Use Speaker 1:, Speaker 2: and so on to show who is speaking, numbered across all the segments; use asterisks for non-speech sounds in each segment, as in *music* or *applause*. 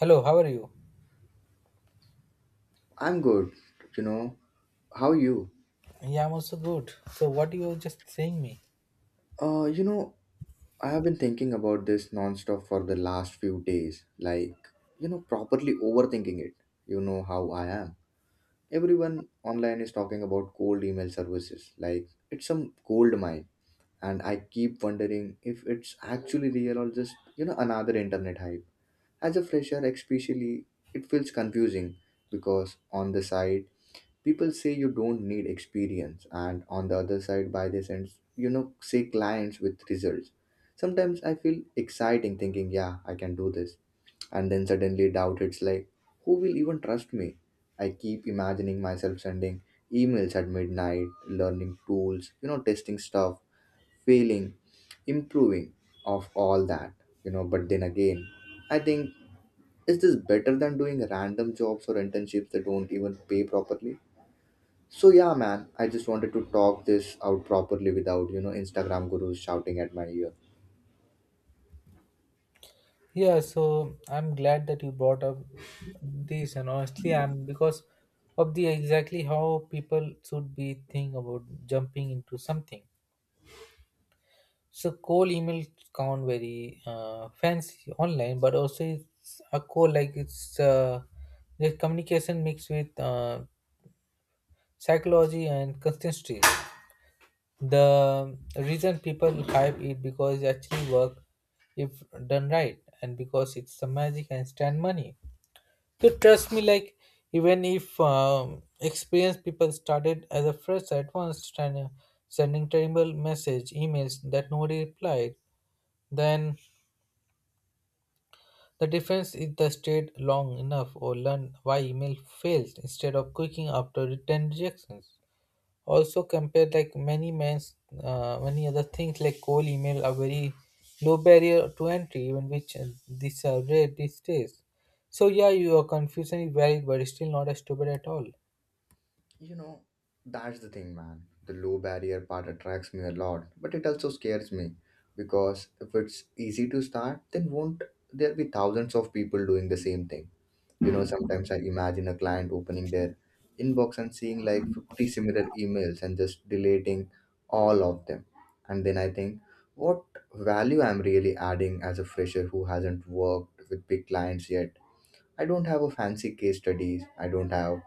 Speaker 1: Hello, how are you?
Speaker 2: I'm good, you know. How are you?
Speaker 1: Yeah, I'm also good. So, what you were just saying me?
Speaker 2: Uh, you know, I have been thinking about this nonstop for the last few days, like, properly overthinking it. You know how I am. Everyone online is talking about cold email services, like, it's some gold mine. And I keep wondering if it's actually real or just, another internet hype. As a fresher, especially, it feels confusing because on the side, people say you don't need experience, and on the other side by this end say clients with results. Sometimes I feel exciting thinking, yeah, I can do this. And then suddenly doubt, it's like, who will even trust me? I keep imagining myself sending emails at midnight, learning tools, testing stuff, failing, improving of all that. But then again, I think, is this better than doing random jobs or internships that don't even pay properly? So yeah, man, I just wanted to talk this out properly without Instagram gurus shouting at my ear.
Speaker 1: Yeah, so I'm glad that you brought up this, and honestly, I'm because of the exactly how people should be thinking about jumping into something. So, cold emails sound very fancy online, but also it's a cold like it's the communication mixed with psychology and consistency. The reason people hype it because it actually work if done right and because it's the magic and stand money, so trust me, like even if experienced people started as a fresh at once trying sending terrible message emails that nobody replied. Then the difference is the stayed long enough or learn why email fails instead of quitting after 10 rejections. Also, compared like many men's many other things like cold email are very low barrier to entry, even which these are rare these days. So yeah, your confusion is valid, but it's still not as stupid at all.
Speaker 2: You know, that's the thing, man. The low barrier part attracts me a lot, but it also scares me because if it's easy to start, then won't there be thousands of people doing the same thing? Sometimes I imagine a client opening their inbox and seeing like 50 similar emails and just deleting all of them. And then I think, what value I'm really adding as a fresher who hasn't worked with big clients yet? I don't have a fancy case studies. I don't have,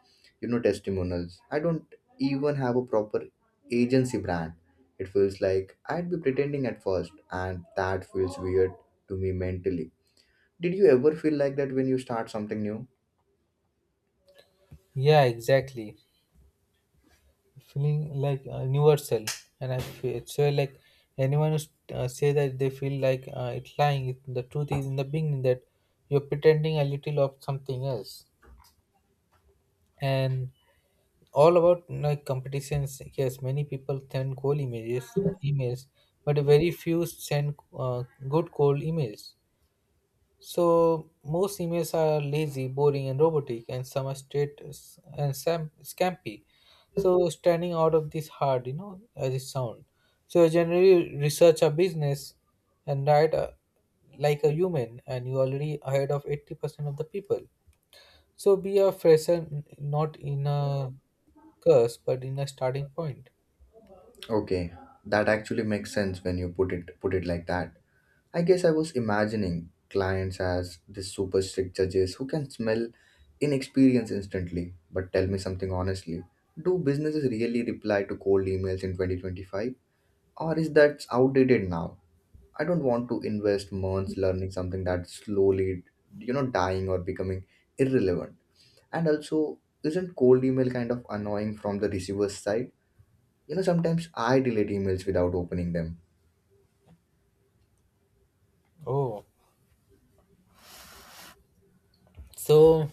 Speaker 2: you know, testimonials. I don't even have a proper agency brand. It feels like I'd be pretending at first, and that feels weird to me mentally. Did you ever feel like that when you start something new?
Speaker 1: Yeah, exactly. Feeling like universal, and I feel so like anyone who say that they feel like it's lying. The truth is in the beginning that you're pretending a little of something else, and all about like competitions. Yes, many people send cold images emails, but very few send good cold emails. So most emails are lazy, boring and robotic, and some are straight scampy. So standing out of this hard, you know, as it sound. So you generally research a business and write a, like a human, and you already ahead of 80% of the people. So be a fresher, not in a curse but in a starting point.
Speaker 2: Okay, that actually makes sense when you put it like that. I guess I was imagining clients as the super strict judges who can smell inexperience instantly. But tell me something honestly, do businesses really reply to cold emails in 2025? Or is that outdated now? I don't want to invest months learning something that's slowly, dying or becoming irrelevant. And also, isn't cold email kind of annoying from the receiver's side? Sometimes I delete emails without opening them.
Speaker 1: Oh, so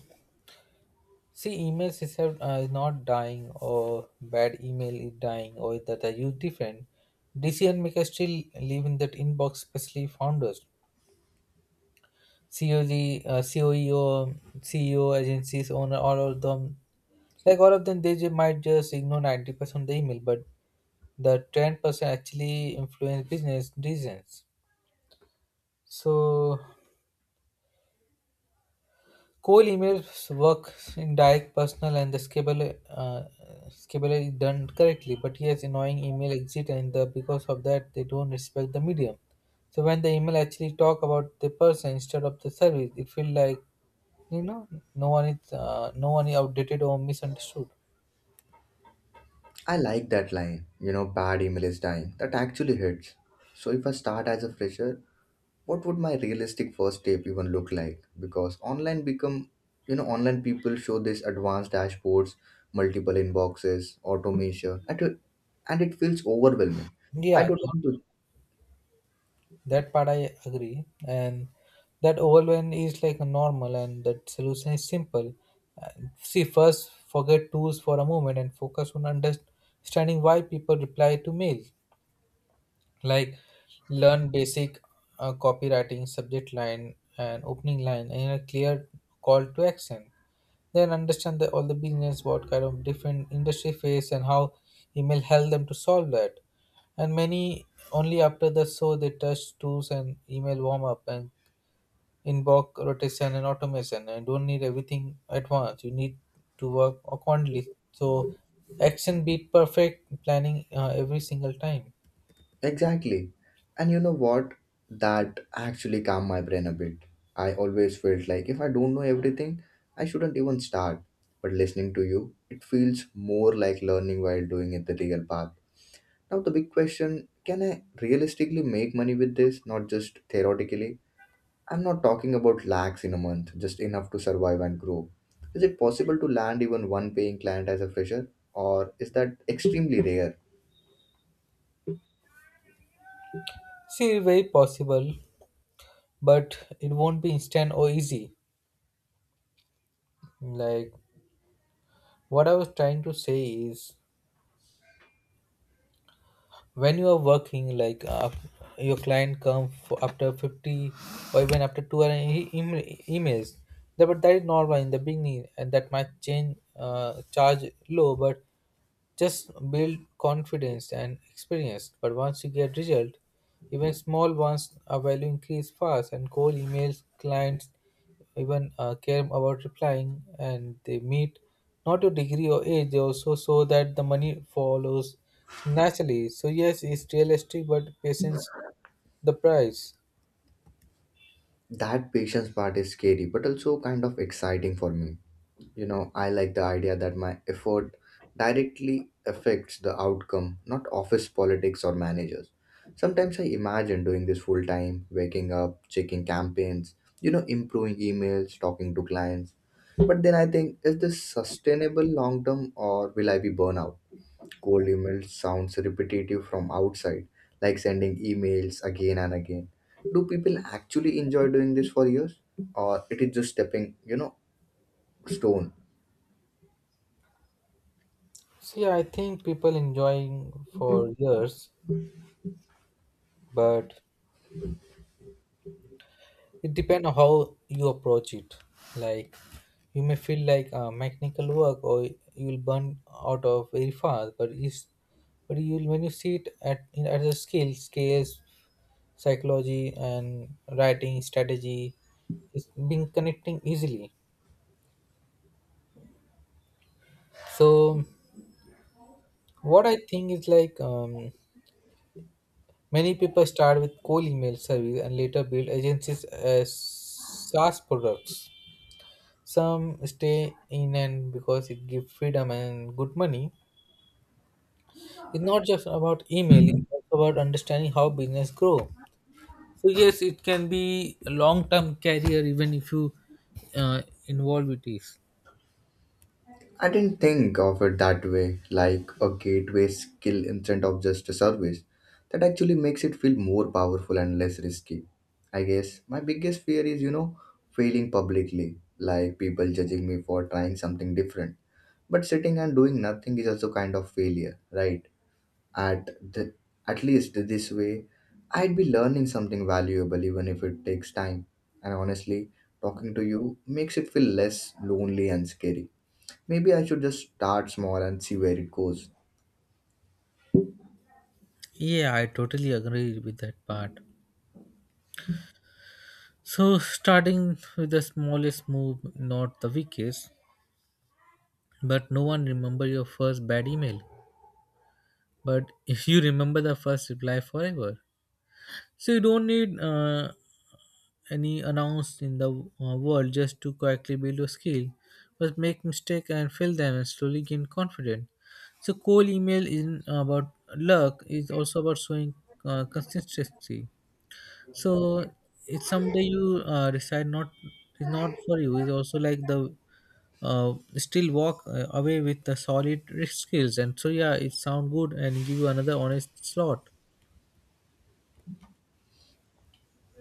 Speaker 1: see emails is not dying, or bad email is dying or that are used different. Decision makers still live in that inbox, especially founders. COG, COEO, CEO, agencies, owner, all of them, like all of them, they might just ignore 90% of the email, but the 10% actually influence business decisions. So cold emails work in direct, personal, and the schedule is done correctly. But yes, annoying email exit, and the, because of that, they don't respect the medium. So when the email actually talk about the person instead of the service, it feel like, you know, no one is outdated or misunderstood.
Speaker 2: I like that line, bad email is dying. That actually hits. So if I start as a fresher, what would my realistic first step even look like? Because online become, online people show this advanced dashboards, multiple inboxes, automation, and it feels overwhelming. I
Speaker 1: Yeah,
Speaker 2: don't want to.
Speaker 1: that part I agree, and that overwhelm is like normal, and that solution is simple. And see, first forget tools for a moment and focus on understanding why people reply to mails. Like learn basic copywriting, subject line, and opening line, and a clear call to action. Then understand the, all the business what kind of different industry face and how email help them to solve that. And many only after the so they touch tools and email warm up and inbox rotation and automation. And don't need everything at once, you need to work accordingly. So action beat perfect planning every single time.
Speaker 2: Exactly. And you know what? That actually calmed my brain a bit. I always felt like if I don't know everything, I shouldn't even start. But listening to you, it feels more like learning while doing it the real path. Now, the big question, can I realistically make money with this, not just theoretically? I'm not talking about lakhs in a month, just enough to survive and grow. Is it possible to land even one paying client as a fresher, or is that extremely *laughs* rare?
Speaker 1: See, very possible, but it won't be instant or easy. Like what I was trying to say is when you are working like your client come for after 50 or even after 2 hour emails that, but that is normal in the beginning. And that might change charge low, but just build confidence and experience. But once you get result, even small ones a value increase fast. And cold emails clients even care about replying, and they meet not your degree or age. They also show that the money follows naturally. So yes, it's realistic, but patience the price.
Speaker 2: That patience part is scary, but also kind of exciting for me. I like the idea that my effort directly affects the outcome, not office politics or managers. Sometimes I imagine doing this full time, waking up, checking campaigns, improving emails, talking to clients. But then I think, is this sustainable long term or will I be burnout? Cold email sounds repetitive from outside, like sending emails again and again. Do people actually enjoy doing this for years? Or it is just stepping stone?
Speaker 1: See, I think people enjoying for years, but it depends on how you approach it. Like you may feel like mechanical work, or you will burn out of very fast. But is but you will when you see it at in, at the skill scales, psychology and writing strategy, is being connecting easily. So what I think is like many people start with cold email service and later build agencies as SaaS products. Some stay in and because it gives freedom and good money. It's not just about email, it's also about understanding how business grow. So yes, it can be a long-term career even if you involve with this.
Speaker 2: I didn't think of it that way, like a gateway skill instead of just a service. That actually makes it feel more powerful and less risky. I guess my biggest fear is, failing publicly, like people judging me for trying something different. But sitting and doing nothing is also kind of failure, right? At the at least this way, I'd be learning something valuable even if it takes time. And honestly, talking to you makes it feel less lonely and scary. Maybe I should just start small and see where it goes.
Speaker 1: Yeah, I totally agree with that part. So starting with the smallest move, not the weakest, but no one remember your first bad email. But if you remember the first reply forever, so you don't need any announced in the world, just to quietly build your skill, but make mistake and fail them and slowly gain confidence. So cold email isn't about luck; it's also about showing consistency. So it's someday you decide not is not for you. It's also like the still walk away with the solid risk skills, and so yeah, it sound good and give you another honest slot.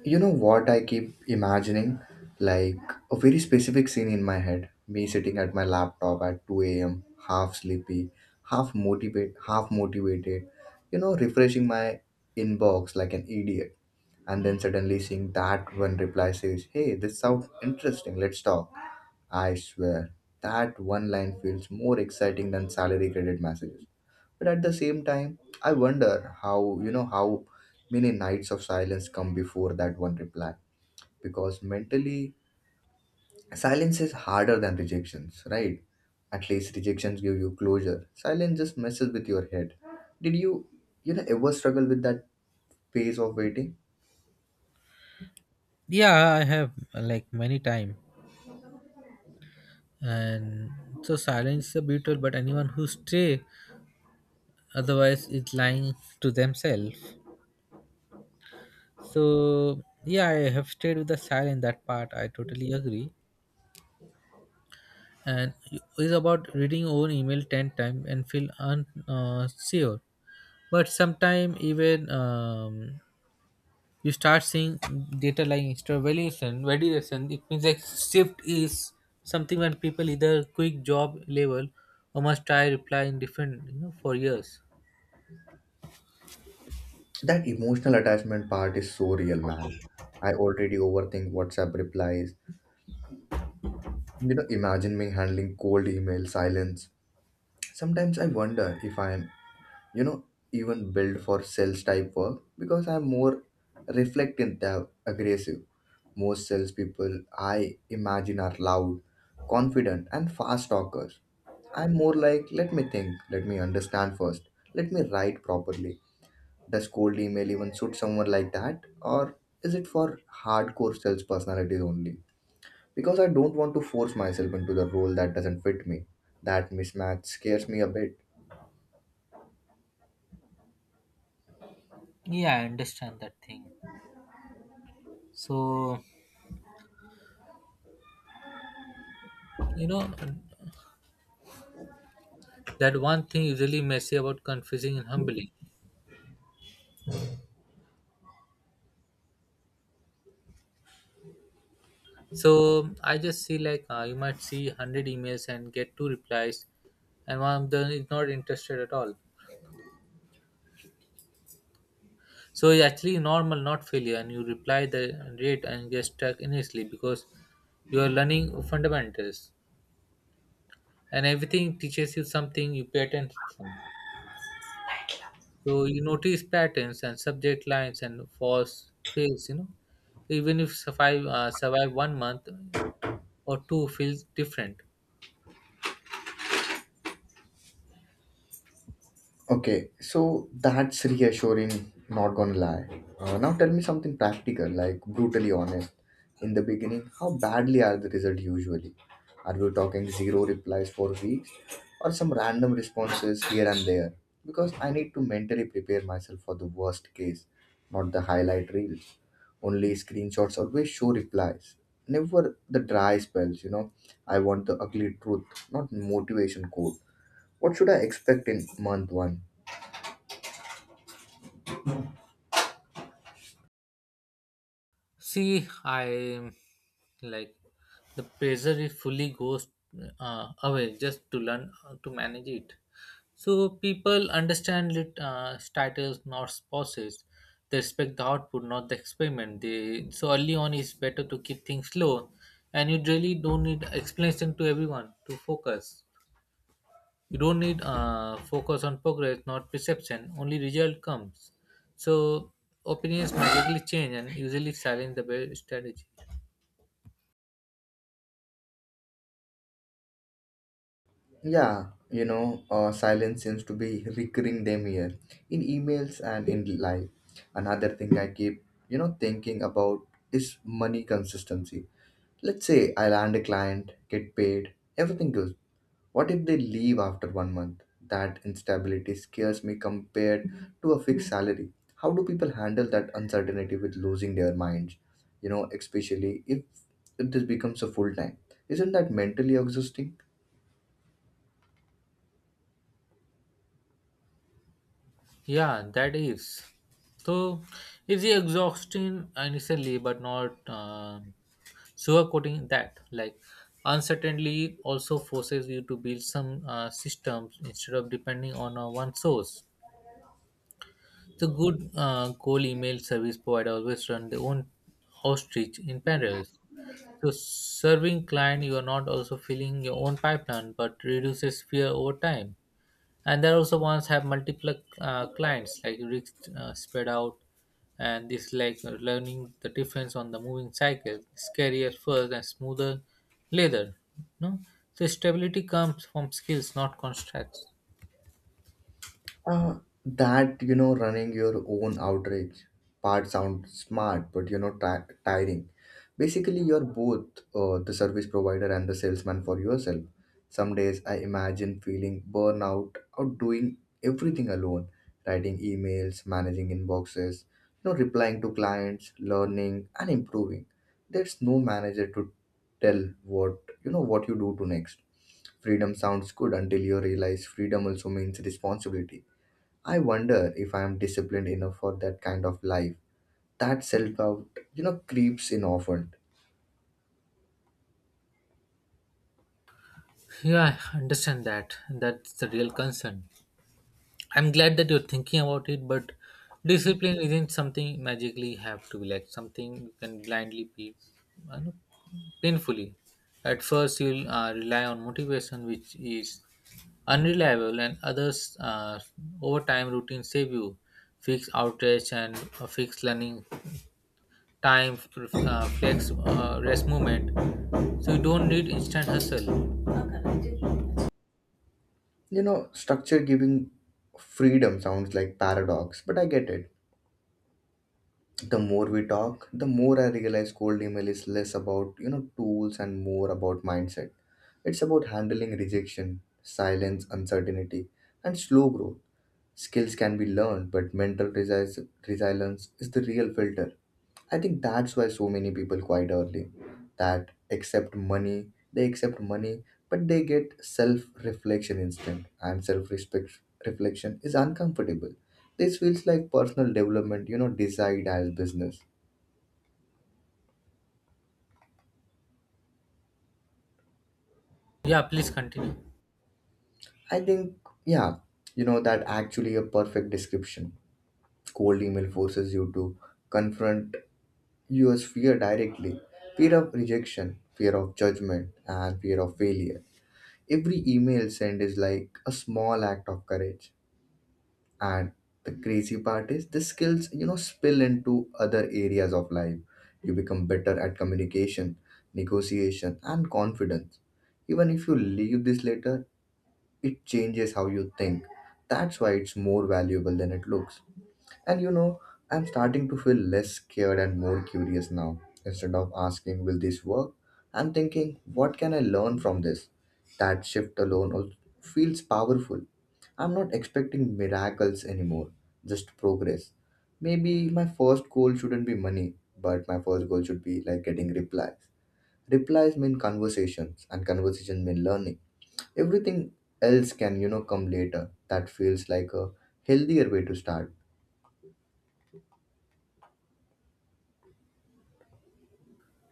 Speaker 2: You know what I keep imagining? Like a very specific scene in my head. Me sitting at my laptop at 2 a.m., half sleepy, half motivated, refreshing my inbox like an idiot. And then suddenly seeing that one reply says, "Hey, this sounds interesting, let's talk." I swear, that one line feels more exciting than salary credit messages. But at the same time, I wonder how many nights of silence come before that one reply. Because mentally, silence is harder than rejections, right? At least rejections give you closure. Silence just messes with your head. Did you, ever struggle with that phase of waiting?
Speaker 1: Yeah, I have like many time. And so silence is a beetle, but anyone who stray otherwise is lying to themselves. So yeah, I have stayed with the silence, that part I totally agree. And it's about reading your own email 10 times and feel unsure sure. But sometime even you start seeing data like extra valuation validation. It means like shift is something when people either quick job level or must try reply in different, you know, for years.
Speaker 2: So that emotional attachment part is so real, man. I already overthink WhatsApp replies. Imagine me handling cold email silence. Sometimes I wonder if I am, you know, even built for sales type work because I'm more reflective than aggressive. Most salespeople I imagine are loud, confident, and fast talkers. I'm more like, let me think, let me understand first, let me write properly. Does cold email even suit someone like that? Or is it for hardcore sales personalities only? Because I don't want to force myself into the role that doesn't fit me. That mismatch scares me a bit.
Speaker 1: Yeah, I understand that thing. So, you know, that one thing is really messy about confusing and humbling. So, I just see like you might see 100 emails and get two replies, and one of them is not interested at all. So, it's actually normal, not failure, and you reply the rate and get stuck initially because you are learning fundamentals, and everything teaches you something, you pay attention. So you notice patterns and subject lines and false fails, you know. Even if survive 1 month or two feels different.
Speaker 2: Okay, so that's reassuring, not gonna lie. Now tell me something practical, like brutally honest. In the beginning, how badly are the results usually? Are we talking zero replies for weeks or some random responses here and there? Because I need to mentally prepare myself for the worst case, not the highlight reels. Only screenshots always show replies. Never the dry spells. I want the ugly truth, not motivation code. What should I expect in month one?
Speaker 1: See, I like the pressure it fully goes away, just to learn how to manage it. So people understand titles, not process. They respect the output, not the experiment. They so early on it's better to keep things slow, and you really don't need explanation to everyone to focus. You don't need focus on progress not perception, only result comes. So opinions magically change, and usually silence the best strategy.
Speaker 2: Yeah, silence seems to be recurring them here in emails and in life. Another thing I keep, thinking about is money consistency. Let's say I land a client, get paid, everything good. What if they leave after 1 month? That instability scares me compared to a fixed salary. How do people handle that uncertainty with losing their minds? Especially if this becomes a full time. Isn't that mentally exhausting?
Speaker 1: Yeah, that is so it's exhausting initially, but not sugarcoating that. Like uncertainty also forces you to build some systems instead of depending on one source. The good goal email service provider always run their own outreach in parallel. So serving client, you are not also filling your own pipeline, but reduces fear over time. And there also once have multiple clients, like risk spread out, and this like learning the difference on the moving cycle, scary at first and smoother later. No, so stability comes from skills, not contracts.
Speaker 2: Uh, that running your own outreach part sounds smart, but tiring. Basically, you're both the service provider and the salesman for yourself. Some days I imagine feeling burnout out doing everything alone, writing emails, managing inboxes, replying to clients, learning and improving. There's no manager to tell what you do to next. Freedom sounds good until you realize freedom also means responsibility. I wonder if I am disciplined enough for that kind of life. That self doubt, creeps in often.
Speaker 1: Yeah, I understand that. That's the real concern. I'm glad that you're thinking about it, but discipline isn't something magically have to be like something you can blindly be. I know, painfully. At first, you'll rely on motivation, which is unreliable, and others over time routine save you. Fixed outage and fixed learning time, flex rest movement. So you don't need instant hustle.
Speaker 2: Structure giving freedom sounds like paradox, but I get it. The more we talk, the more I realize cold email is less about, tools and more about mindset. It's about handling rejection, silence, uncertainty, and slow growth. Skills can be learned, but mental resilience is the real filter. I think that's why so many people quite early that accept money, but they get self reflection instant and self respect reflection is uncomfortable. This feels like personal development, desired as business.
Speaker 1: Yeah, please continue.
Speaker 2: I think, yeah, that actually a perfect description. Cold email forces you to confront your fear directly: fear of rejection, fear of judgment, and fear of failure. Every email sent is like a small act of courage. And the crazy part is the skills, spill into other areas of life. You become better at communication, negotiation, and confidence. Even if you leave this later, it changes how you think. That's why it's more valuable than it looks. And I'm starting to feel less scared and more curious now. Instead of asking, will this work? I'm thinking, what can I learn from this? That shift alone feels powerful. I'm not expecting miracles anymore, just progress. Maybe my first goal shouldn't be money, but my first goal should be like getting replies. Replies mean conversations, and conversation mean learning. Everything else can, come later. That feels like a healthier way to start.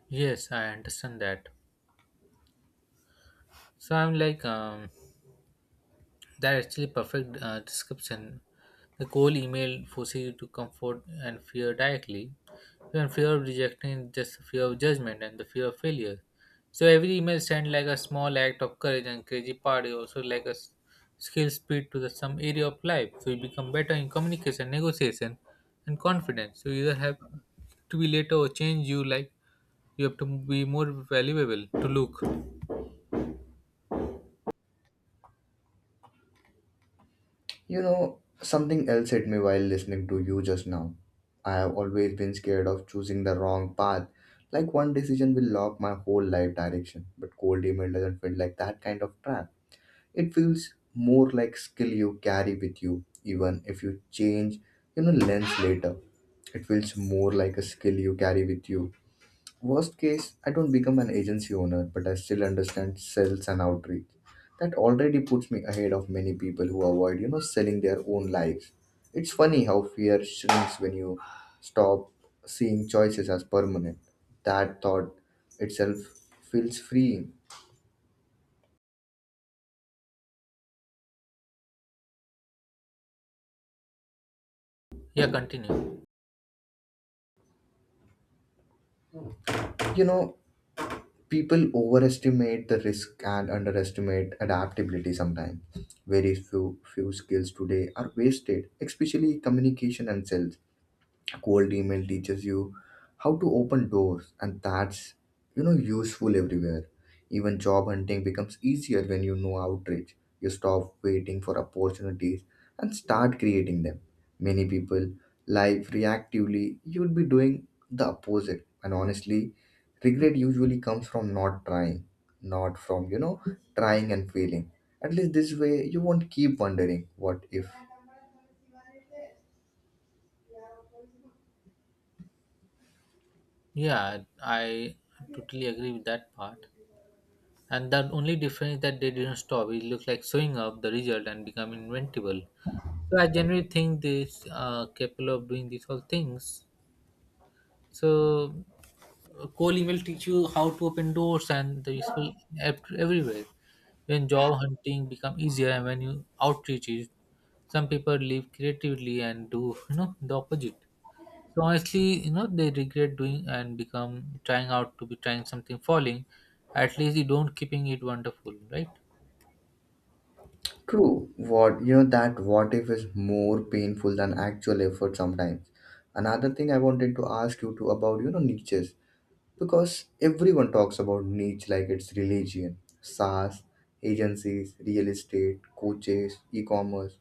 Speaker 1: Yes, I understand that. So I'm like that actually perfect description. The cold email forces you to comfort and fear directly. Even fear of rejection is just the fear of judgment and the fear of failure. So every email sent like a small act of courage, and crazy part is also like a skill speed to the some area of life. So you become better in communication, negotiation, and confidence. So you either have to be later or change you like you have to be more valuable to look.
Speaker 2: Something else hit me while listening to you just now. I have always been scared of choosing the wrong path. Like one decision will lock my whole life direction. But cold email doesn't feel like that kind of trap. It feels more like skill you carry with you, even if you change, lens later. It feels more like a skill you carry with you. Worst case, I don't become an agency owner, but I still understand sales and outreach. That already puts me ahead of many people who avoid, selling their own lives. It's funny how fear shrinks when you stop seeing choices as permanent. That thought itself feels freeing.
Speaker 1: Yeah, continue.
Speaker 2: You know, People overestimate the risk and underestimate adaptability sometimes. Very few skills today are wasted, especially communication and sales. Cold email teaches you how to open doors, and that's useful everywhere. Even job hunting becomes easier when you know outreach. You stop waiting for opportunities and start creating them. Many people live reactively. You would be doing the opposite, and honestly, regret usually comes from not trying, not from trying and failing. At least this way you won't keep wondering what if.
Speaker 1: Yeah, I totally agree with that part. And the only difference is that they didn't stop. It looked like showing up the result and become inventable. So I generally think this capable of doing these all things. So coding will teach you how to open doors and the useful app everywhere. When job hunting become easier and when you outreach is, some people live creatively and do, you know, the opposite. So honestly, you know, they regret doing and become trying out to be trying something falling. At least you don't keeping it wonderful, right?
Speaker 2: True. What you know that what if is more painful than actual effort sometimes. Another thing I wanted to ask you to about, niches, because everyone talks about niche like it's religion: SaaS, agencies, real estate, coaches, e-commerce.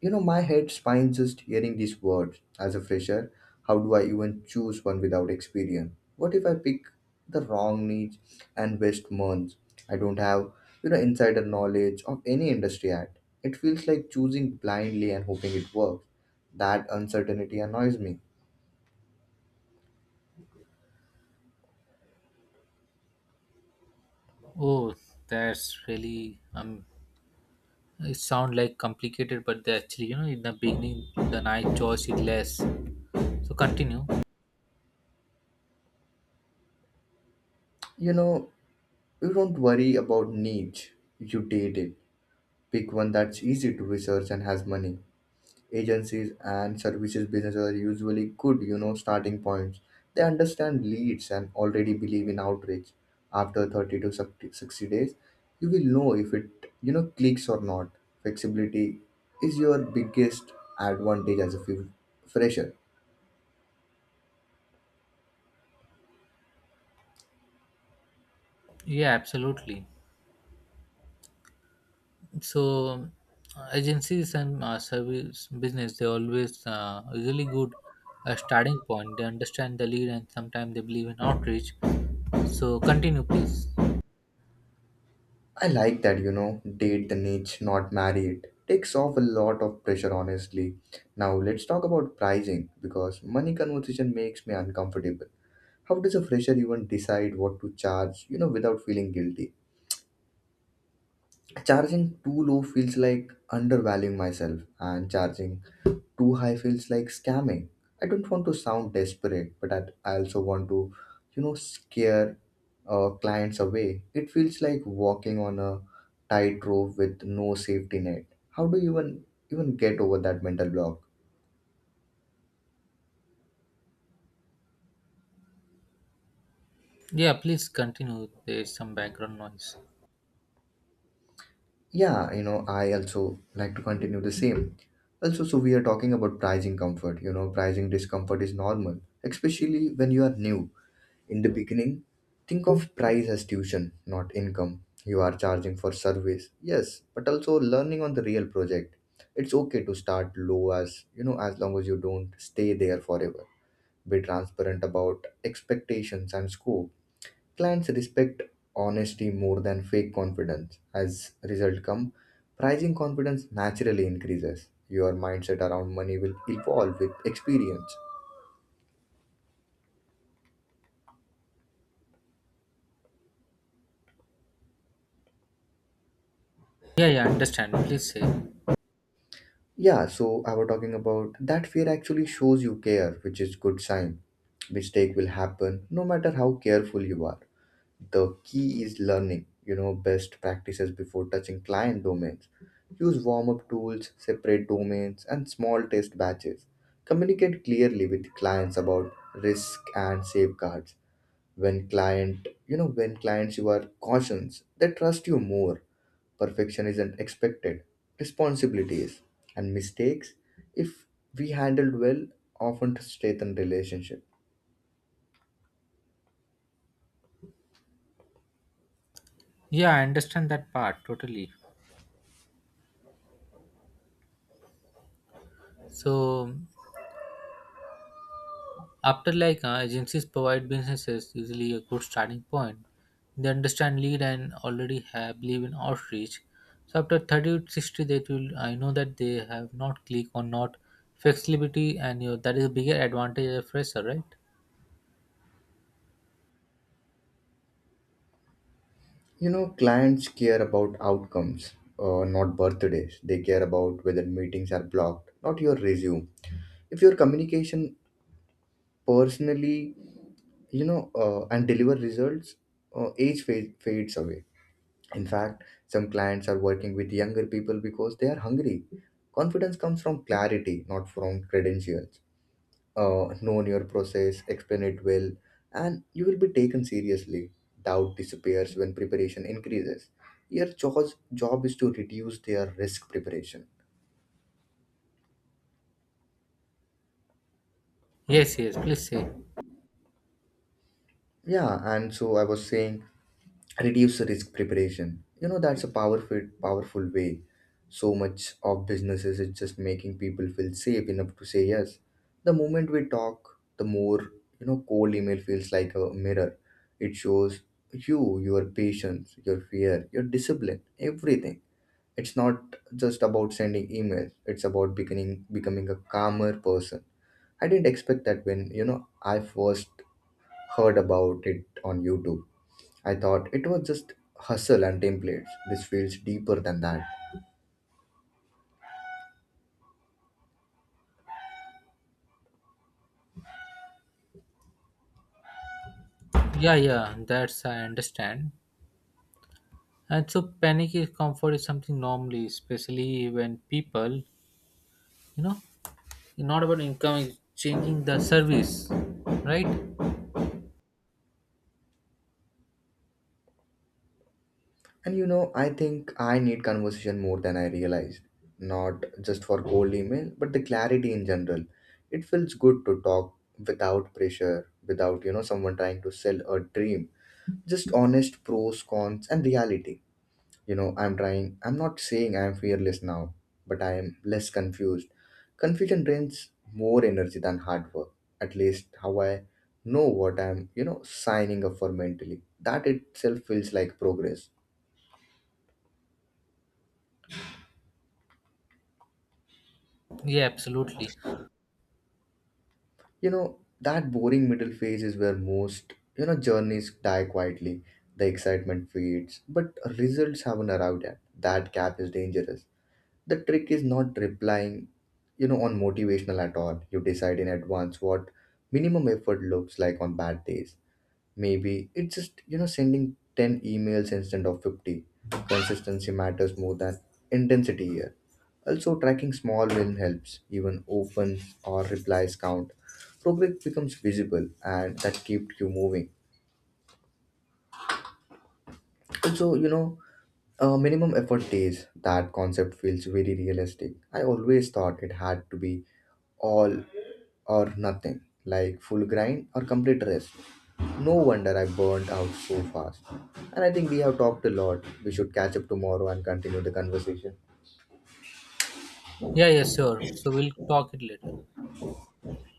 Speaker 2: My head spins just hearing these words. As a fresher, how do I even choose one without experience? What if I pick the wrong niche and waste months? I don't have, insider knowledge of any industry yet. It feels like choosing blindly and hoping it works. That uncertainty annoys me.
Speaker 1: Oh, that's really It sound like complicated, but they actually, you know, in the beginning, the night choice is less. So continue.
Speaker 2: You know, you don't worry about niche. You date it. Pick one that's easy to research and has money. Agencies and services businesses are usually good starting points. They understand leads and already believe in outreach. After 30 to 60 days, you will know if it clicks or not. Flexibility is your biggest advantage as a fresher.
Speaker 1: Yeah, absolutely. So agencies and service business, they always really good starting point. They understand the lead, and sometimes they believe in outreach. So continue, please.
Speaker 2: I like that, date the niche, not marry it. Takes off a lot of pressure, honestly. Now let's talk about pricing, because money conversation makes me uncomfortable. How does a fresher even decide what to charge, without feeling guilty? Charging too low feels like undervaluing myself, and charging too high feels like scamming. I don't want to sound desperate, but I also want to, you know, scare clients away. It feels like walking on a tightrope with no safety net. How do you even get over that mental block?
Speaker 1: Yeah, please continue. There's some background noise.
Speaker 2: Yeah, you know, I also like to continue the same. Also, so we are talking about pricing comfort. You know, pricing discomfort is normal, especially when you are new. In the beginning, think of price as tuition, not income. You are charging for service, yes, but also learning on the real project. It's okay to start low, as, as long as you don't stay there forever. Be transparent about expectations and scope. Clients respect honesty more than fake confidence. As result come, pricing confidence naturally increases. Your mindset around money will evolve with experience.
Speaker 1: Yeah, yeah, understand. Please say.
Speaker 2: Yeah, so I was talking about that fear actually shows you care, which is good sign. Mistake will happen no matter how careful you are. The key is learning, best practices before touching client domains. Use warm-up tools, separate domains, and small test batches. Communicate clearly with clients about risk and safeguards. When clients you are cautious, they trust you more. Perfection isn't expected. Responsibility is. And mistakes, if we handled well, often strengthen relationship.
Speaker 1: Yeah, I understand that part totally. So after like agencies provide businesses usually a good starting point. They understand lead and already have believe in outreach. So after 30 to 60 that will I know that they have not click or not flexibility. And you that is a bigger advantage as a fresher, right?
Speaker 2: Clients care about outcomes, not birthdays. They care about whether meetings are blocked, not your resume. If your communication personally, and deliver results, fades away. In fact, some clients are working with younger people because they are hungry. Confidence comes from clarity, not from credentials. Known your process, explain it well, and you will be taken seriously. Doubt disappears when preparation increases. Your job is to reduce their risk preparation.
Speaker 1: Yes, yes, please say.
Speaker 2: Yeah, and so I was saying, reduce risk preparation. You know, that's a powerful way. So much of businesses is just making people feel safe enough to say yes. The moment we talk the more, cold email feels like a mirror. It shows you your patience, your fear, your discipline, everything. It's not just about sending emails, it's about becoming a calmer person. I didn't expect that when, I first heard about it on YouTube. I thought it was just hustle and templates. This feels deeper than that.
Speaker 1: Yeah, yeah, that's I understand. And so panic is comfort is something normally, especially when people, you know, not about income, is changing the service, right?
Speaker 2: And I think I need conversation more than I realized. Not just for cold email, but the clarity in general. It feels good to talk without pressure, without, someone trying to sell a dream. Just honest pros, cons, and reality. I'm trying. I'm not saying I'm fearless now, but I am less confused. Confusion drains more energy than hard work. At least how I know what I'm, signing up for mentally. That itself feels like progress.
Speaker 1: Yeah, absolutely.
Speaker 2: That boring middle phase is where most, journeys die quietly. The excitement fades but results haven't arrived yet. That gap is dangerous. The trick is not replying, on motivational at all. You decide in advance what minimum effort looks like on bad days. Maybe it's just, sending 10 emails instead of 50. Consistency matters more than intensity here. Also, tracking small win helps, even open or replies count. Progress becomes visible and that keeps you moving. Also, minimum effort days, that concept feels very realistic. I always thought it had to be all or nothing, like full grind or complete rest. No wonder I burned out so fast. And I think we have talked a lot. We should catch up tomorrow and continue the conversation.
Speaker 1: Yeah, yeah, sure. So we'll talk it later.